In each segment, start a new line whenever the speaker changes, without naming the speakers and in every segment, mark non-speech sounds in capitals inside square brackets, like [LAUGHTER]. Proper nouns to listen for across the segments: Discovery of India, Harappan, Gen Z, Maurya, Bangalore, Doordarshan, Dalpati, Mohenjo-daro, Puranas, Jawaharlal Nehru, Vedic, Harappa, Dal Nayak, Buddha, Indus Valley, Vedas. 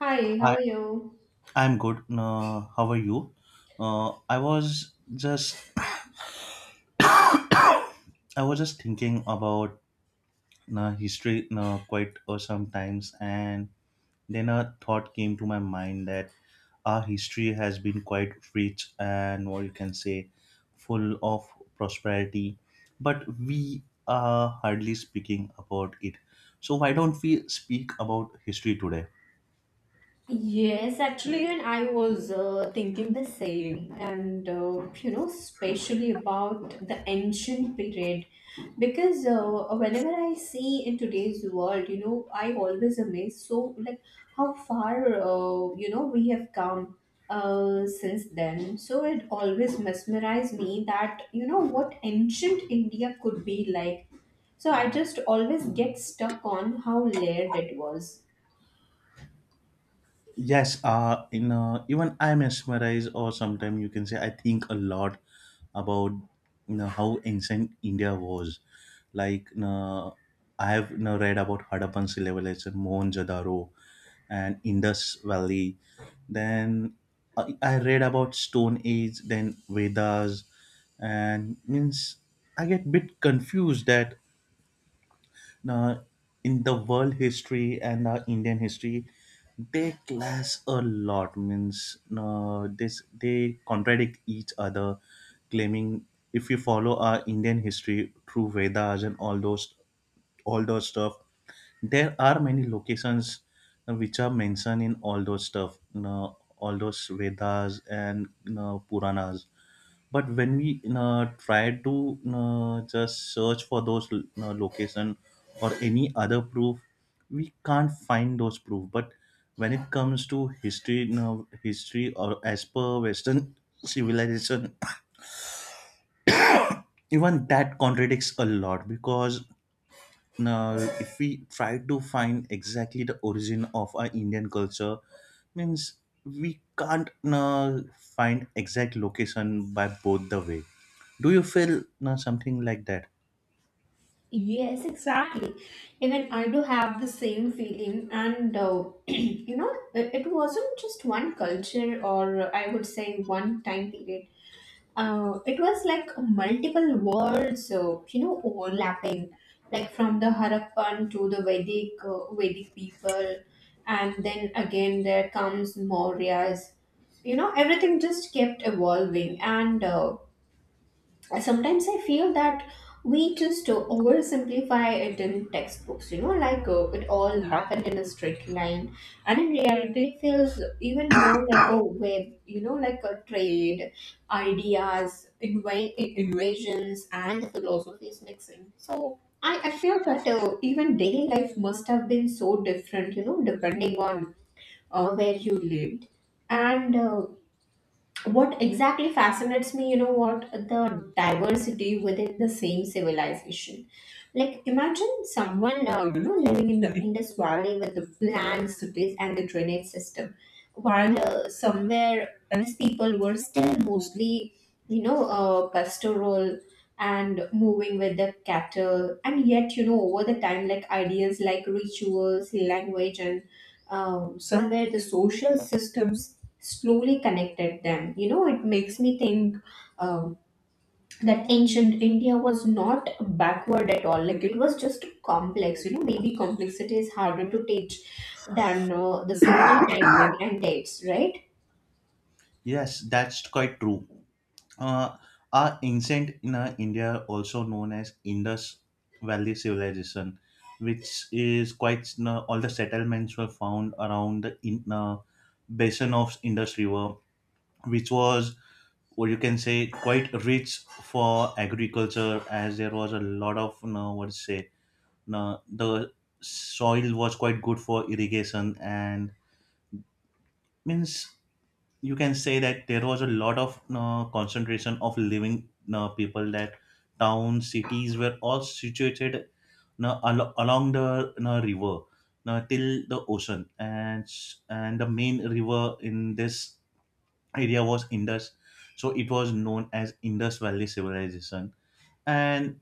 Hi, how
I
are you?
I'm good. How are you? Uh, I was just I was just thinking about history quite sometimes, and then a thought came to my mind that our history has been quite rich and what you can say, full of prosperity, but we are hardly speaking about it. So why don't we speak about history today?
Yes, actually, and I was thinking the same, and you know, especially about the ancient period, because whenever I see in today's world, you know, I always amazed so like how far you know we have come since then. So it always mesmerized me that you know what ancient India could be like. So I just always get stuck on how layered it was.
Yes, in even I mesmerize, or sometimes you can say I think a lot about you know how ancient India was. Like you know, I have you know, read about Harappan civilization, Mohenjo-daro, and Indus Valley. Then I read about Stone Age, then Vedas, and means I get bit confused that uh, in the world history and Indian history, they clash a lot. Means this they contradict each other, claiming if you follow our Indian history through Vedas and all those stuff, there are many locations which are mentioned in all those stuff, you know, all those Vedas and you know, Puranas. But when we you know, try to you know, just search for those you know, location or any other proof, we can't find those proof. But when it comes to history, you know, history or as per Western [LAUGHS] civilization, even that contradicts a lot because now if we try to find exactly the origin of our indian culture means we can't find exact location by both the way. Do you feel something like that?
Yes, exactly. Even I do have the same feeling, and [CLEARS THROAT] you know, it wasn't just one culture or I would say one time period. It was like multiple worlds, you know, overlapping, like from the Harappan to the Vedic people, and then again there comes Mauryas. You know, everything just kept evolving, and sometimes I feel that we just oversimplify it in textbooks, you know, like it all happened in a straight line, and in reality it feels even more like a web, you know, like a trade, ideas, invasions and philosophies mixing. So I feel that even daily life must have been so different, you know, depending on where you lived, and what exactly fascinates me, you know, what the diversity within the same civilization. Like imagine someone you know, living in the Indus Valley with the planned cities and the drainage system, while somewhere else people were still mostly, you know, pastoral and moving with the cattle. And yet, you know, over the time, like ideas like rituals, language, and somewhere the social systems slowly connected them. You know, it makes me think um, that ancient India was not backward at all. Like it was just complex. You know, maybe complexity is harder to teach than the simple timeline and dates, right?
Yes, that's quite true. uh, our ancient in india, also known as indus valley civilization, which is quite all the settlements were found around the basin of indus river, which was what you can say quite rich for agriculture, as there was a lot of you know, what to say you know, the soil was quite good for irrigation, and means you can say that there was a lot of you know, concentration of living you know, people, that towns cities were all situated you know, along the you know, river, you know, till the ocean, and and the main river in this area was Indus. So it was known as Indus Valley Civilization. And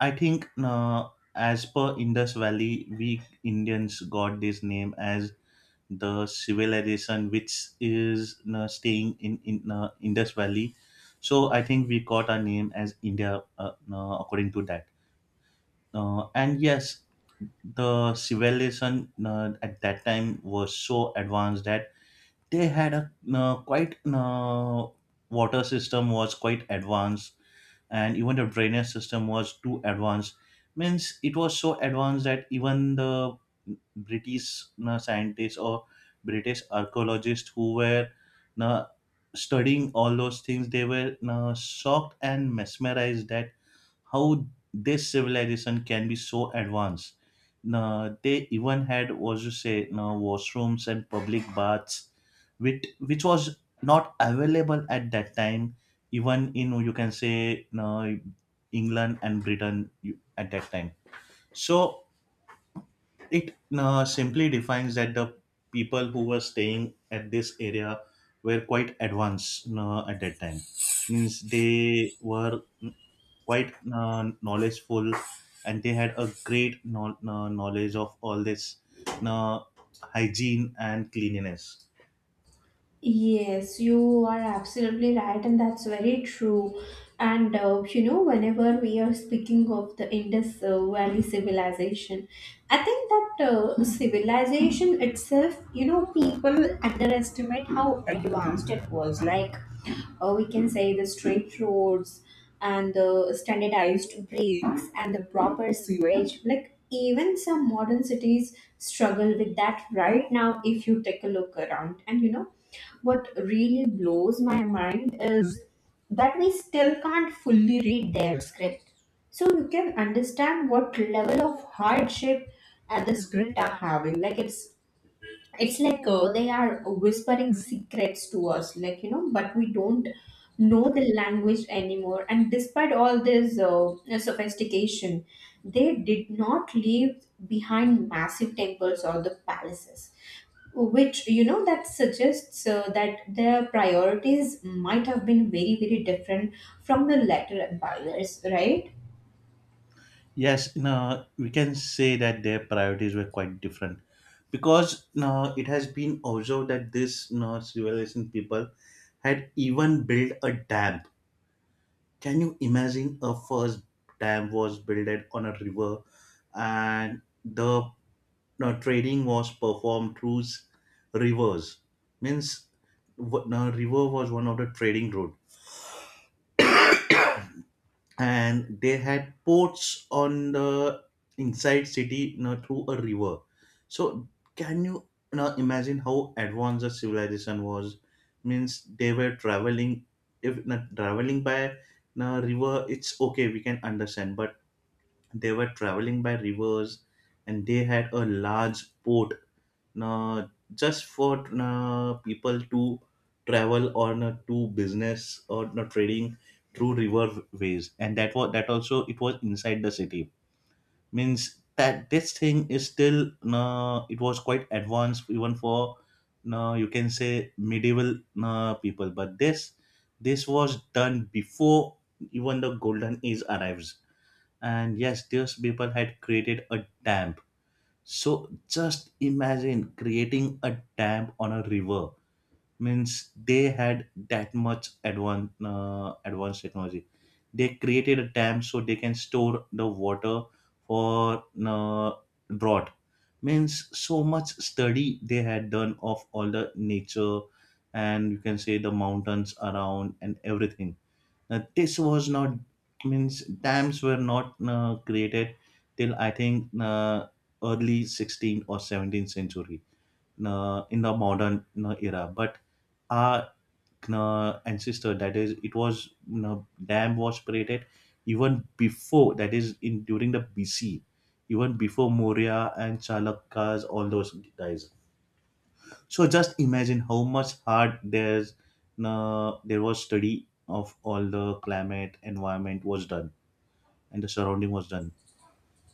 I think as per Indus Valley, we Indians got this name as the civilization which is staying in Indus Valley. So I think we got our name as India according to that. And yes, the civilization at that time was so advanced that they had a quite water system was quite advanced, and even the drainage system was too advanced. Means it was so advanced that even the british scientists or british archaeologists who were uh, studying all those things, they were shocked and mesmerized that how this civilization can be so advanced. Now, they even had, was you say, now washrooms and public baths, which was not available at that time, even in you can say now England and Britain you- at that time. So it simply defines that the people who were staying at this area were quite advanced at that time. Means they were quite knowledgeful, and they had a great knowledge of all this uh, hygiene and cleanliness.
Yes, you are absolutely right, and that's very true. And you know, whenever we are speaking of the Indus Valley civilization, I think that civilization itself, you know, people underestimate how advanced it was. Like, we can say the straight roads and the standardized breaks and the proper sewage. Like, even some modern cities struggle with that right now if you take a look around. And you know, what really blows my mind is that we still can't fully read their script. So you can understand what level of hardship and the script are having. Like it's it's like they are whispering secrets to us, like, you know, but we don't know the language anymore. And despite all this sophistication, they did not leave behind massive temples or the palaces, which, you know, that suggests that their priorities might have been very very different from the later empires, right?
Yes, we can say that their priorities were quite different, because it has been observed that this civilization people had even built a dam. Can you imagine a first dam was built on a river? And the now trading was performed through rivers. Means now river was one of the trading route, and they had ports on the inside city now through a river. So can you now imagine how advanced the civilization was? Means they were traveling, if not traveling by now river, it's okay, we can understand, but they were traveling by rivers, and they had a large port uh, just for people to travel or to business or trading through river ways, and that was that also it was inside the city. Means that this thing is still it was quite advanced even for you can say medieval people, but this was done before even the golden age arrives. And yes, those people had created a dam. So just imagine creating a dam on a river. Means they had that much advanced technology. They created a dam so they can store the water for drought. Means so much study they had done of all the nature and you can say the mountains around and everything. This was not, means dams were not created till I think early 16th or 17th century in the modern era. But our ancestor, that is, it was you know, dam was created even before, that is in during the BC, even before Maurya and Chalukya's all those guys. So just imagine how much hard there was study of all the climate environment was done and the surrounding was done.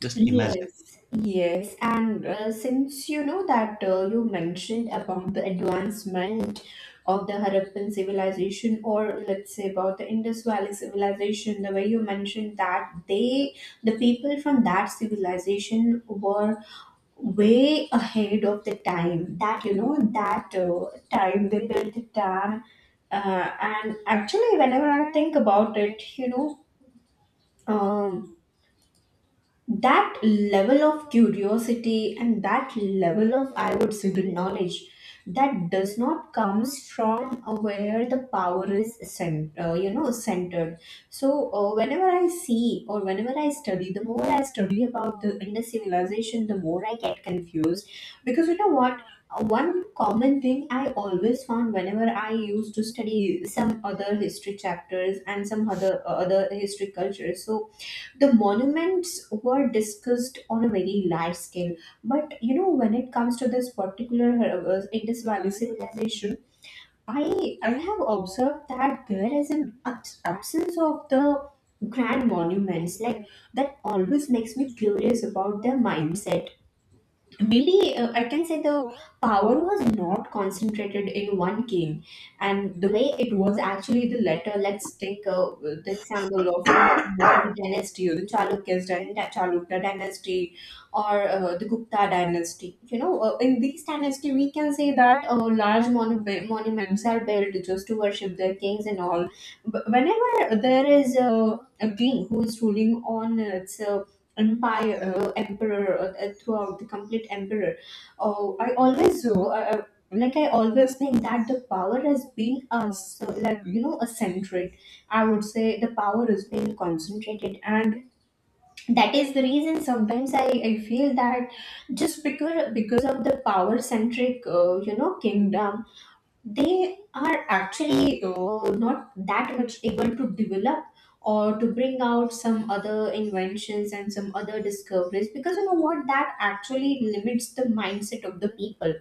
Just imagine.
Yes, yes, and since you know that you mentioned about the advancement of the Harappan civilization, or let's say about the Indus Valley civilization, the way you mentioned that the people from that civilization were way ahead of the time, that you know that time they built the dam. And actually, whenever I think about it, you know, um, that level of curiosity and that level of, I would say, the knowledge, that does not comes from where the power is you know, centered. So whenever I see or whenever I study, the more I study about the Indus civilization, the more I get confused, because you know what? One common thing I always found whenever I used to study some other history chapters and some other other history cultures. So the monuments were discussed on a very large scale, but you know, when it comes to this particular, Indus Valley civilization, I have observed that there is an absence of the grand monuments. Like that always makes me curious about their mindset. Really, I can say the power was not concentrated in one king, and the way it was actually the latter. Let's take the example of Maurya dynasty, or the Chalukya dynasty, or the Gupta dynasty. You know, in these dynasty, we can say that large monuments are built just to worship their kings and all. But whenever there is a king who is ruling on its empire, emperor, throughout the complete emperor, oh, I always, like, I always think that the power has been so, like, you know, a I would say the power is being concentrated. And that is the reason sometimes I feel that just because of the power centric, you know, kingdom, they are actually not that much able to develop or to bring out some other inventions and some other discoveries, because you know what, that actually limits the mindset of the people,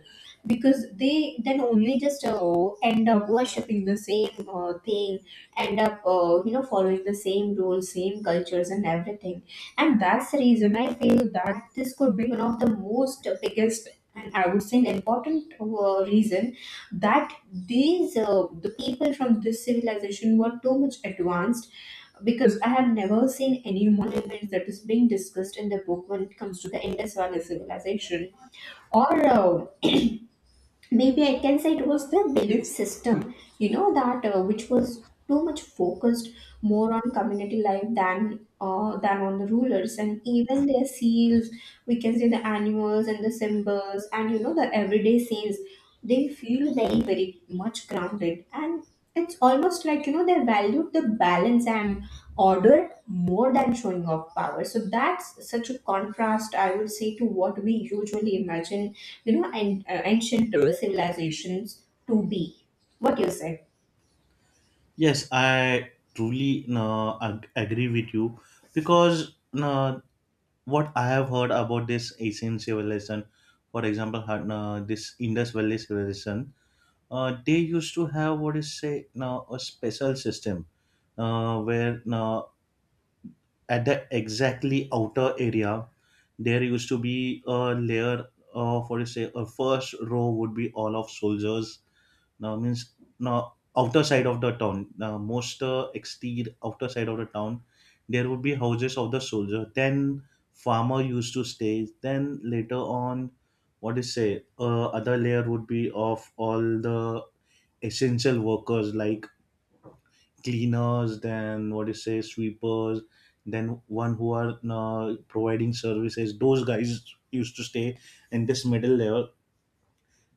because they then only just end up worshipping the same thing, end up you know, following the same rules, same cultures and everything. And that's the reason I feel that this could be one of the most biggest and, I would say, an important reason that these the people from this civilization were too much advanced, because I have never seen any monuments that is being discussed in the book when it comes to the Indus Valley civilization. Or maybe I can say it was the belief system, you know, that which was too much focused more on community life than than on the rulers. And even their seals, we can say the animals and the symbols, and you know, the everyday scenes, they feel very very much grounded. And it's almost like, you know, they valued the balance and order more than showing off power. So that's such a contrast, I would say, to what we usually imagine, you know, and ancient civilizations to be. What do you say?
Yes, I truly agree with you, because what I have heard about this Asian civilization, for example, had, this Indus Valley civilization, they used to have what is say now a special system where at the exactly outer area there used to be a layer of what do you say a first row would be all of soldiers. Now means now outer side of the town, now most exterior outer side of the town, there would be houses of the soldier, then farmer used to stay, then later on what do you say other layer would be of all the essential workers like cleaners, then what do you say, sweepers, then one who are providing services. Those guys used to stay in this middle layer.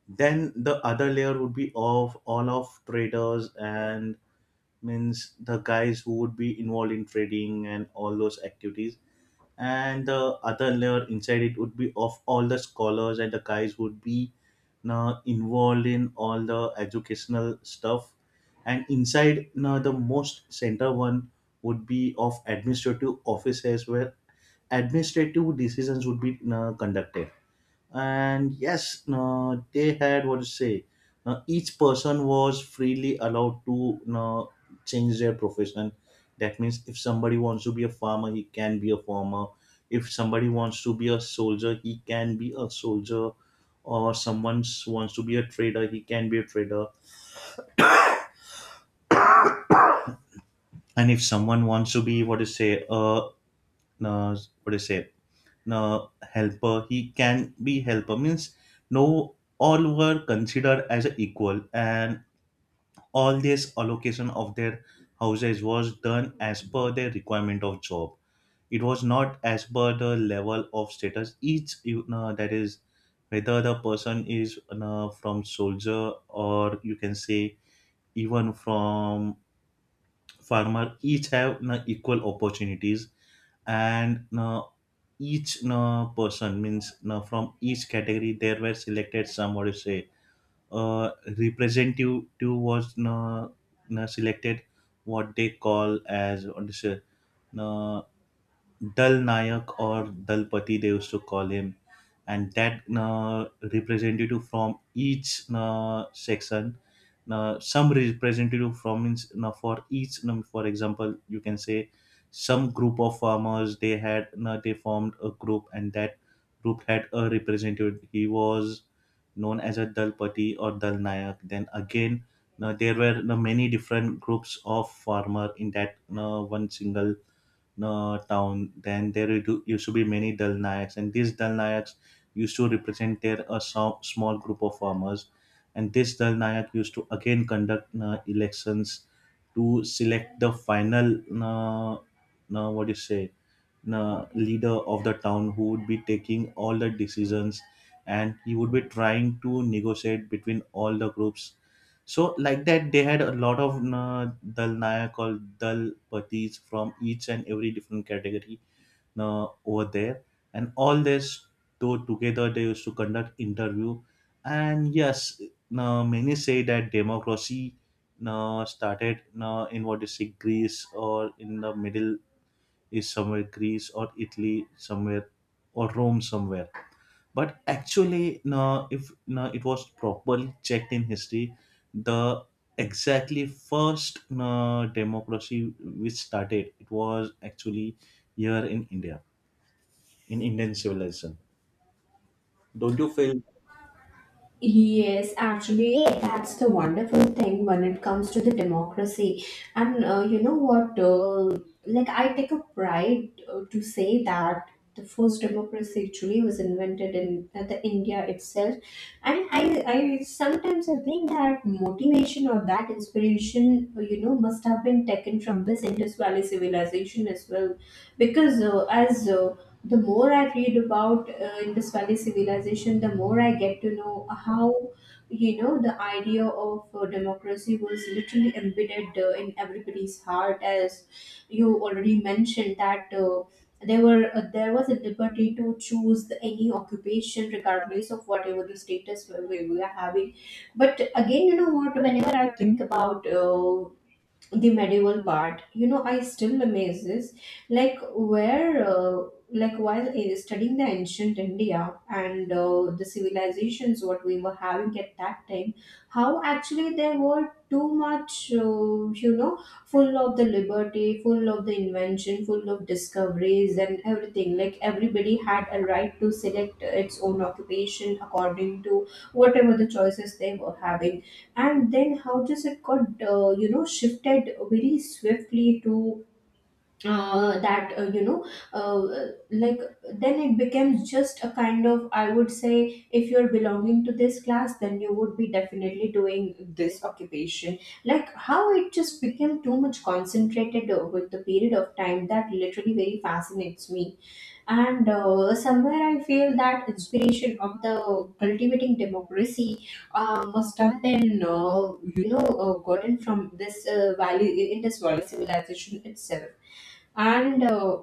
Then the other layer would be of all of traders, and means the guys who would be involved in trading and all those activities, and the other layer inside it would be of all the scholars and the guys would be now involved in all the educational stuff, and inside now the most center one would be of administrative offices, where administrative decisions would be now conducted. And yes, they had what to say each person was freely allowed to change their profession. That means if somebody wants to be a farmer he can be a farmer, if somebody wants to be a soldier he can be a soldier, or someone wants to be a trader he can be a trader, and if someone wants to be what to say uh what to say helper he can be helper. Means no, all were considered as a equal, and all this allocation of their houses was done as per their requirement of job. It was not as per the level of status each you know, that is whether the person is you know, from soldier or you can say even from farmer, each have you know, equal opportunities. And you know, each you know, person means you know, from each category there were selected, some would say uh, representative was na, na selected, what they call as what is it, na, Dal Nayak or Dalpati, they used to call him. And that na, representative from each na, section, na, some representative from means, na, for each na, for example you can say some group of farmers, they had na, they formed a group, and that group had a representative, he was known as a Dalpati or Dal Nayak. Then again, there were many different groups of farmer in that one single town. Then there used to be many Dal Nayaks, and these Dal Nayaks used to represent their a small group of farmers. And this Dal Nayak used to again conduct elections to select the final, what do you say, leader of the town who would be taking all the decisions, and he would be trying to negotiate between all the groups. So like that they had a lot of dal nayak or dal patis from each and every different category over there. And all this though together they used to conduct interview. And yes, many say that democracy started in what is it, Greece, or in the Middle is somewhere Greece or Italy somewhere, or Rome somewhere. But actually, no, if no, it was properly checked in history, the exactly first no, democracy which started, it was actually here in India, in Indian civilization. Don't you feel?
Yes, actually, that's the wonderful thing when it comes to the democracy. And you know what? Like, I take a pride to say that the first democracy actually was invented in, the India itself. And I sometimes I think that motivation or that inspiration, you know, must have been taken from this Indus Valley civilization as well, because as the more I read about Indus Valley civilization, the more I get to know how, you know, the idea of democracy was literally embedded in everybody's heart. As you already mentioned, that there was a liberty to choose the any occupation, regardless of whatever the status we are having. But again, you know what? Whenever I think about the medieval part, you know, I still amazes, like where like while studying the ancient India and the civilizations what we were having at that time, how actually they were too much you know, full of the liberty, full of the invention, full of discoveries and everything, like everybody had a right to select its own occupation according to whatever the choices they were having. And then how does it got you know, shifted very swiftly to that you know, uh, like then it becomes just a kind of, I would say, if you're belonging to this class, then you would be definitely doing this occupation. Like how it just became too much concentrated with the period of time, that literally very fascinates me. And somewhere I feel that inspiration of the cultivating democracy must have been you know, gotten from this value in this value civilization itself. And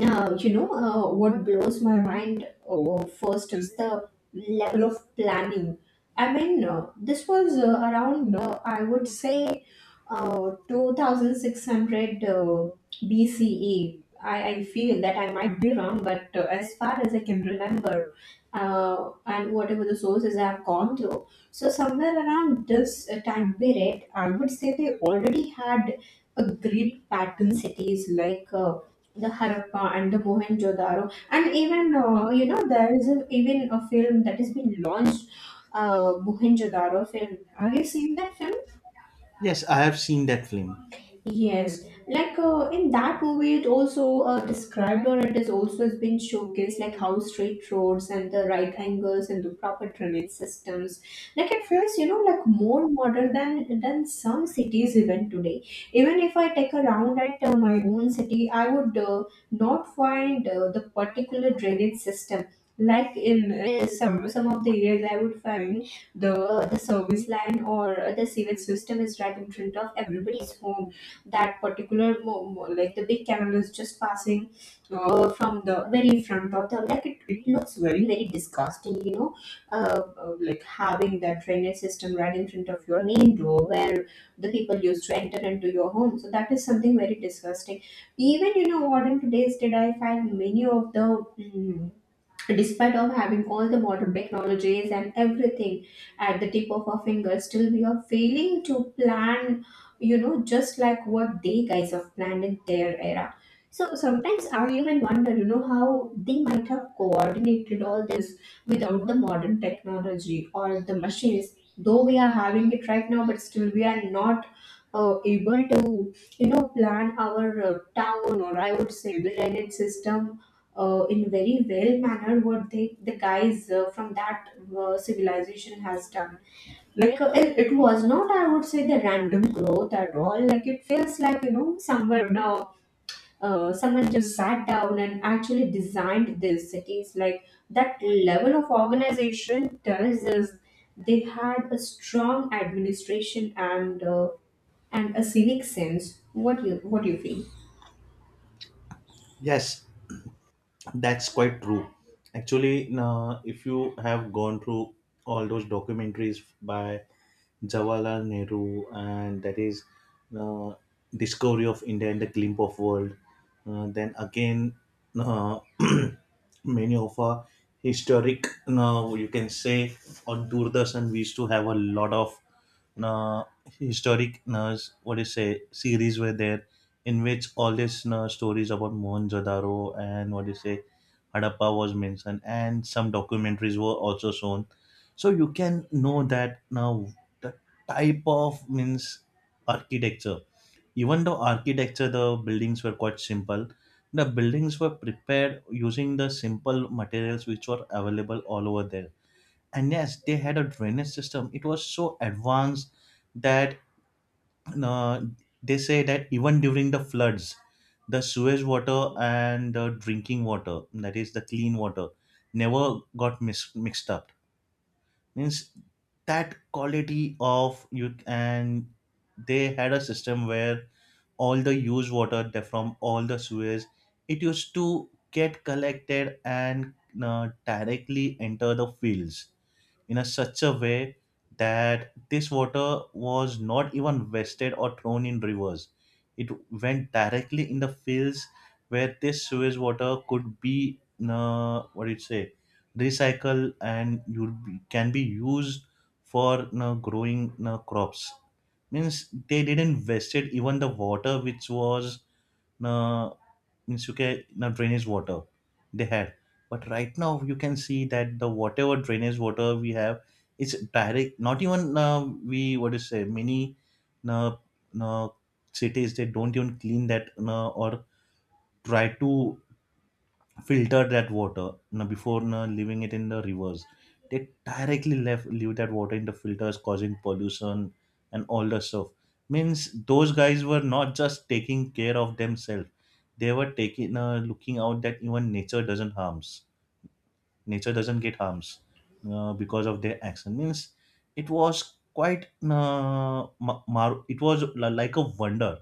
You know, what blows my mind first is the level of planning. I mean, this was around, I would say, 2600 BCE. I feel that I might be wrong, but as far as I can remember, and whatever the sources I have gone through, so somewhere around this time period, I would say they already had a great pattern cities like. The Harappa and the Mohenjo-daro, and even you know, there is even a film that has been launched, Mohenjo-daro film. Have you seen that film?
Yes, I have seen that film.
Yes, like in that movie, it also described, or it is also has been showcased, like how straight roads and the right angles and the proper drainage systems. Like it feels, you know, like more modern than some cities even today. Even if I take a round at my own city, I would not find the particular drainage system. Like in some of the areas, I would find the service line or the sewage system is right in front of everybody's home, that particular like the big camel is just passing from the very front of the like it looks very disgusting. Like having that drainage system right in front of your main door where the people used to enter into your home, so that is something very disgusting. Even you know what, in today's did I find many of the mm, despite of having all the modern technologies and everything at the tip of our fingers, still we are failing to plan, you know, just like what they guys have planned in their era. So sometimes I even wonder, you know, how they might have coordinated all this without the modern technology or the machines, though we are having it right now, but still we are not able to, you know, plan our town, or I would say the drainage system, in very well manner, what they, the guys from that civilization has done. Like it was not, I would say, the random growth at all. Like it feels like, you know, someone someone just sat down and actually designed these cities like that level of organization tells us they had a strong administration and and a civic sense. What do you feel?
Yes, that's quite true. Actually, no, if you have gone through all those documentaries by Jawaharlal Nehru, and that is uh, Discovery of India and the Glimp of World. Then again, uh, [CLEARS THROAT] many of our historic, you can say, on Doordarshan, we used to have a lot of uh, historic, what do you say, series were there in which all these stories about Mohenjo-daro and, what do you say, Harappa was mentioned, and some documentaries were also shown, so you can know that now the type of, means, architecture. Even though architecture, the buildings were quite simple. The buildings were prepared using the simple materials which were available all over there, and yes, they had a drainage system. It was so advanced that, uh, they say that even during the floods, the sewage water and the drinking water, that is the clean water, never got mixed up. Means, that quality of you, and they had a system where all the used water, that, from all the sewers, it used to get collected and directly enter the fields, in a such a way that this water was not even wasted or thrown in rivers. It went directly in the fields, where this sewage water could be, what do you say, recycled, and you can be used for growing crops. Means, they didn't wasted even the water which was, uh means, you can now drainage water they had. But right now you can see that the, whatever drainage water we have, it's direct, not even, we, what do you say, many uh, uh, cities, they don't even clean that, or try to filter that water now before now leaving it in the rivers. They directly left leave that water in the filters, causing pollution and all the stuff. Means, those guys were not just taking care of themselves. They were taking, looking out that even nature doesn't harms, nature doesn't get harms because of their action. Means, it was quite, it was like a wonder.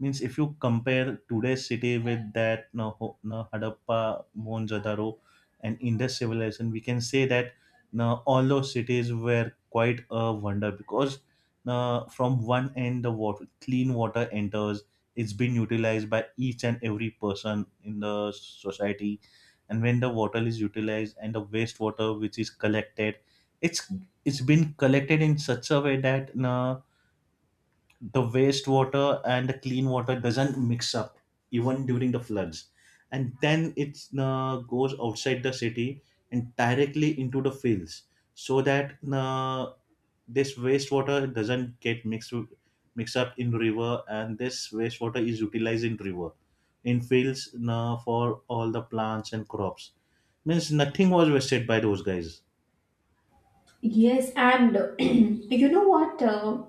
Means, if you compare today's city with that, no, no, Hadappa, Mohenjo-daro, and Indus civilization, we can say that, no, all those cities were quite a wonder, because, no, from one end the water, clean water enters. It's been utilized by each and every person in the society, and when the water is utilized and the wastewater which is collected, it's it's been collected in such a way that. No, the wastewater and the clean water doesn't mix up, even during the floods, and then it goes outside the city and directly into the fields, so that this wastewater doesn't get mixed up in river, and this wastewater is utilized in river, in fields, for all the plants and crops. Means, nothing was wasted by those guys.
Yes, and [CLEARS THROAT] you know what?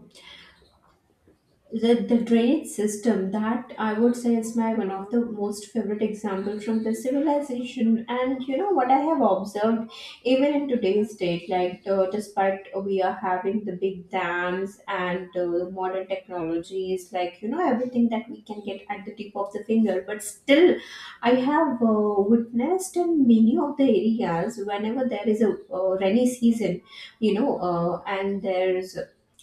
The drainage system, that I would say, is my one of the most favorite example from the civilization. And you know what I have observed, even in today's date, like despite we are having the big dams and the modern technologies, like you know, everything that we can get at the tip of the finger, but still I have witnessed in many of the areas whenever there is a rainy season, you know, and there's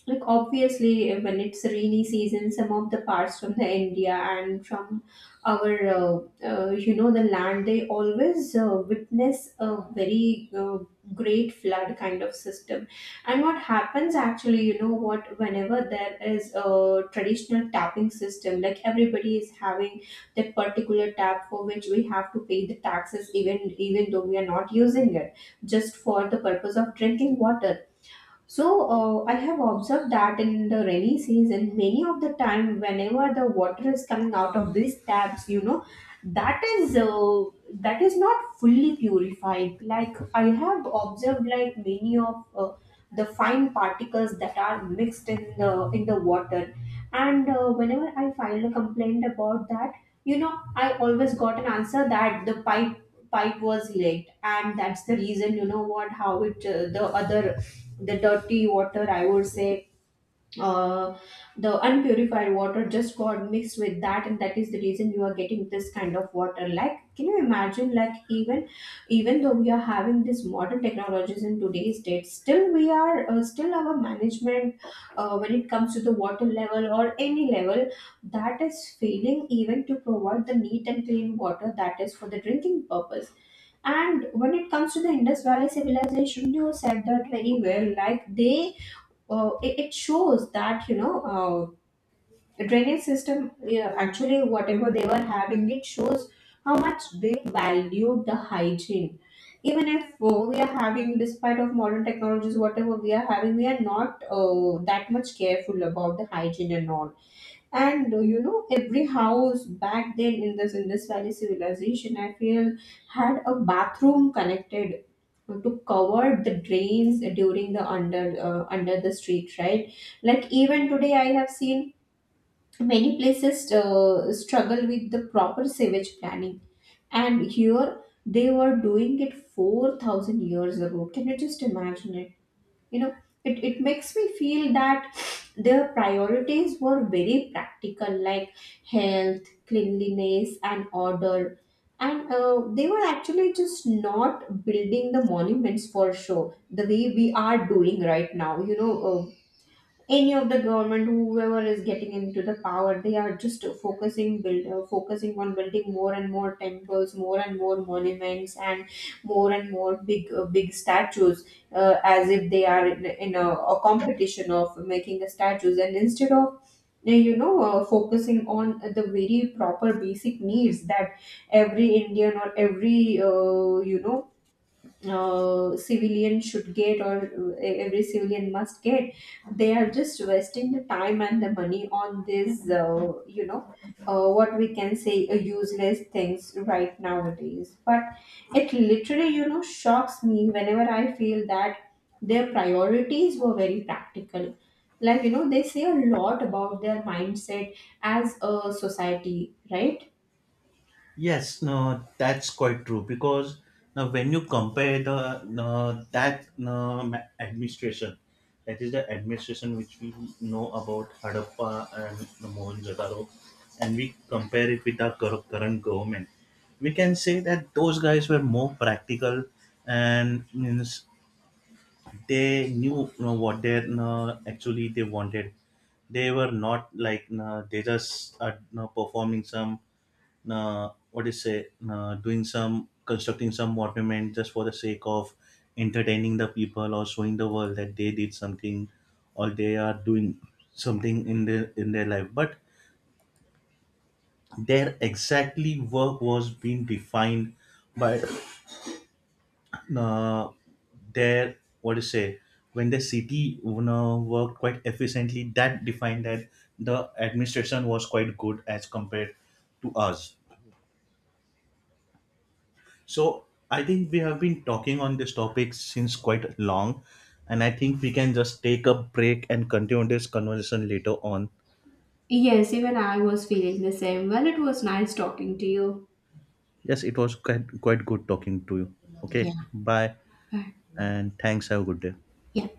like obviously, when it's rainy season, some of the parts from the india and from our uh, you know, the land, they always witness a very great flood kind of system. And what happens actually, you know what, whenever there is a traditional tapping system, like everybody is having that particular tap for which we have to pay the taxes even, even though we are not using it, just for the purpose of drinking water. So I have observed that in the rainy season, many of the time, whenever the water is coming out of these taps, you know, that is uh, that is not fully purified. Like I have observed, like many of the fine particles that are mixed in the water, and whenever I filed a complaint about that, you know, I always got an answer that the pipe was leaked, and that's the reason, you know what, how it the other, the dirty water, I would say, uh, the unpurified water just got mixed with that, and that is the reason you are getting this kind of water. Like can you imagine, like even even though we are having these modern technologies in today's date, still we are still our management, when it comes to the water level or any level, that is failing even to provide the neat and clean water that is for the drinking purpose. And when it comes to the Indus Valley civilization, you said that very well. Like they it shows that, you know, drainage system, yeah, actually whatever they were having, it shows how much they valued the hygiene. Even if we are having, despite of modern technologies whatever we are having, we are not that much careful about the hygiene and all. And you know, every house back then in this indus valley civilization, I feel, had a bathroom connected to cover the drains during the under under the street, right? Like even today, I have seen many places struggle with the proper sewage planning, and here they were doing it 4000 years ago. Can you just imagine it? You know, it makes me feel that their priorities were very practical, like health, cleanliness and order. And they were actually just not building the monuments for show the way we are doing right now, you know. Any of the government, whoever is getting into the power, they are just focusing build focusing on building more and more temples, more and more monuments, and more big big statues, as if they are in a competition of making the statues, and instead of you know, focusing on the very proper basic needs that every indian or every you know, civilian should get, or every civilian must get, they are just wasting the time and the money on this, you know, what we can say, useless things right nowadays. But it literally, you know, shocks me whenever I feel that their priorities were very practical, like you know, they say a lot about their mindset as a society, right?
Yes, no, that's quite true, because now when you compare the, no, that, no, administration, that is the administration which we know about Harappa and the Mohenjo-daro, and we compare it with our current government, we can say that those guys were more practical, and means, they knew, you know, what they, no, actually they wanted. They were not like, no, they just are, no, performing some, what is say, doing some, constructing some monument, just for the sake of entertaining the people or showing the world that they did something, or they are doing something in their, in their life, but their exactly work was being defined by uh, their, what is say, when the city, you know, worked quite efficiently, that defined that the administration was quite good as compared to us. So, I think we have been talking on this topic since quite long, and I think we can just take a break and continue this conversation later on.
Yes, even I was feeling the same. Well, it was nice talking to you.
Yes, it was quite, quite good talking to you.
Yeah.
Okay, bye,
嗯，
and thanks. Have a good day.
也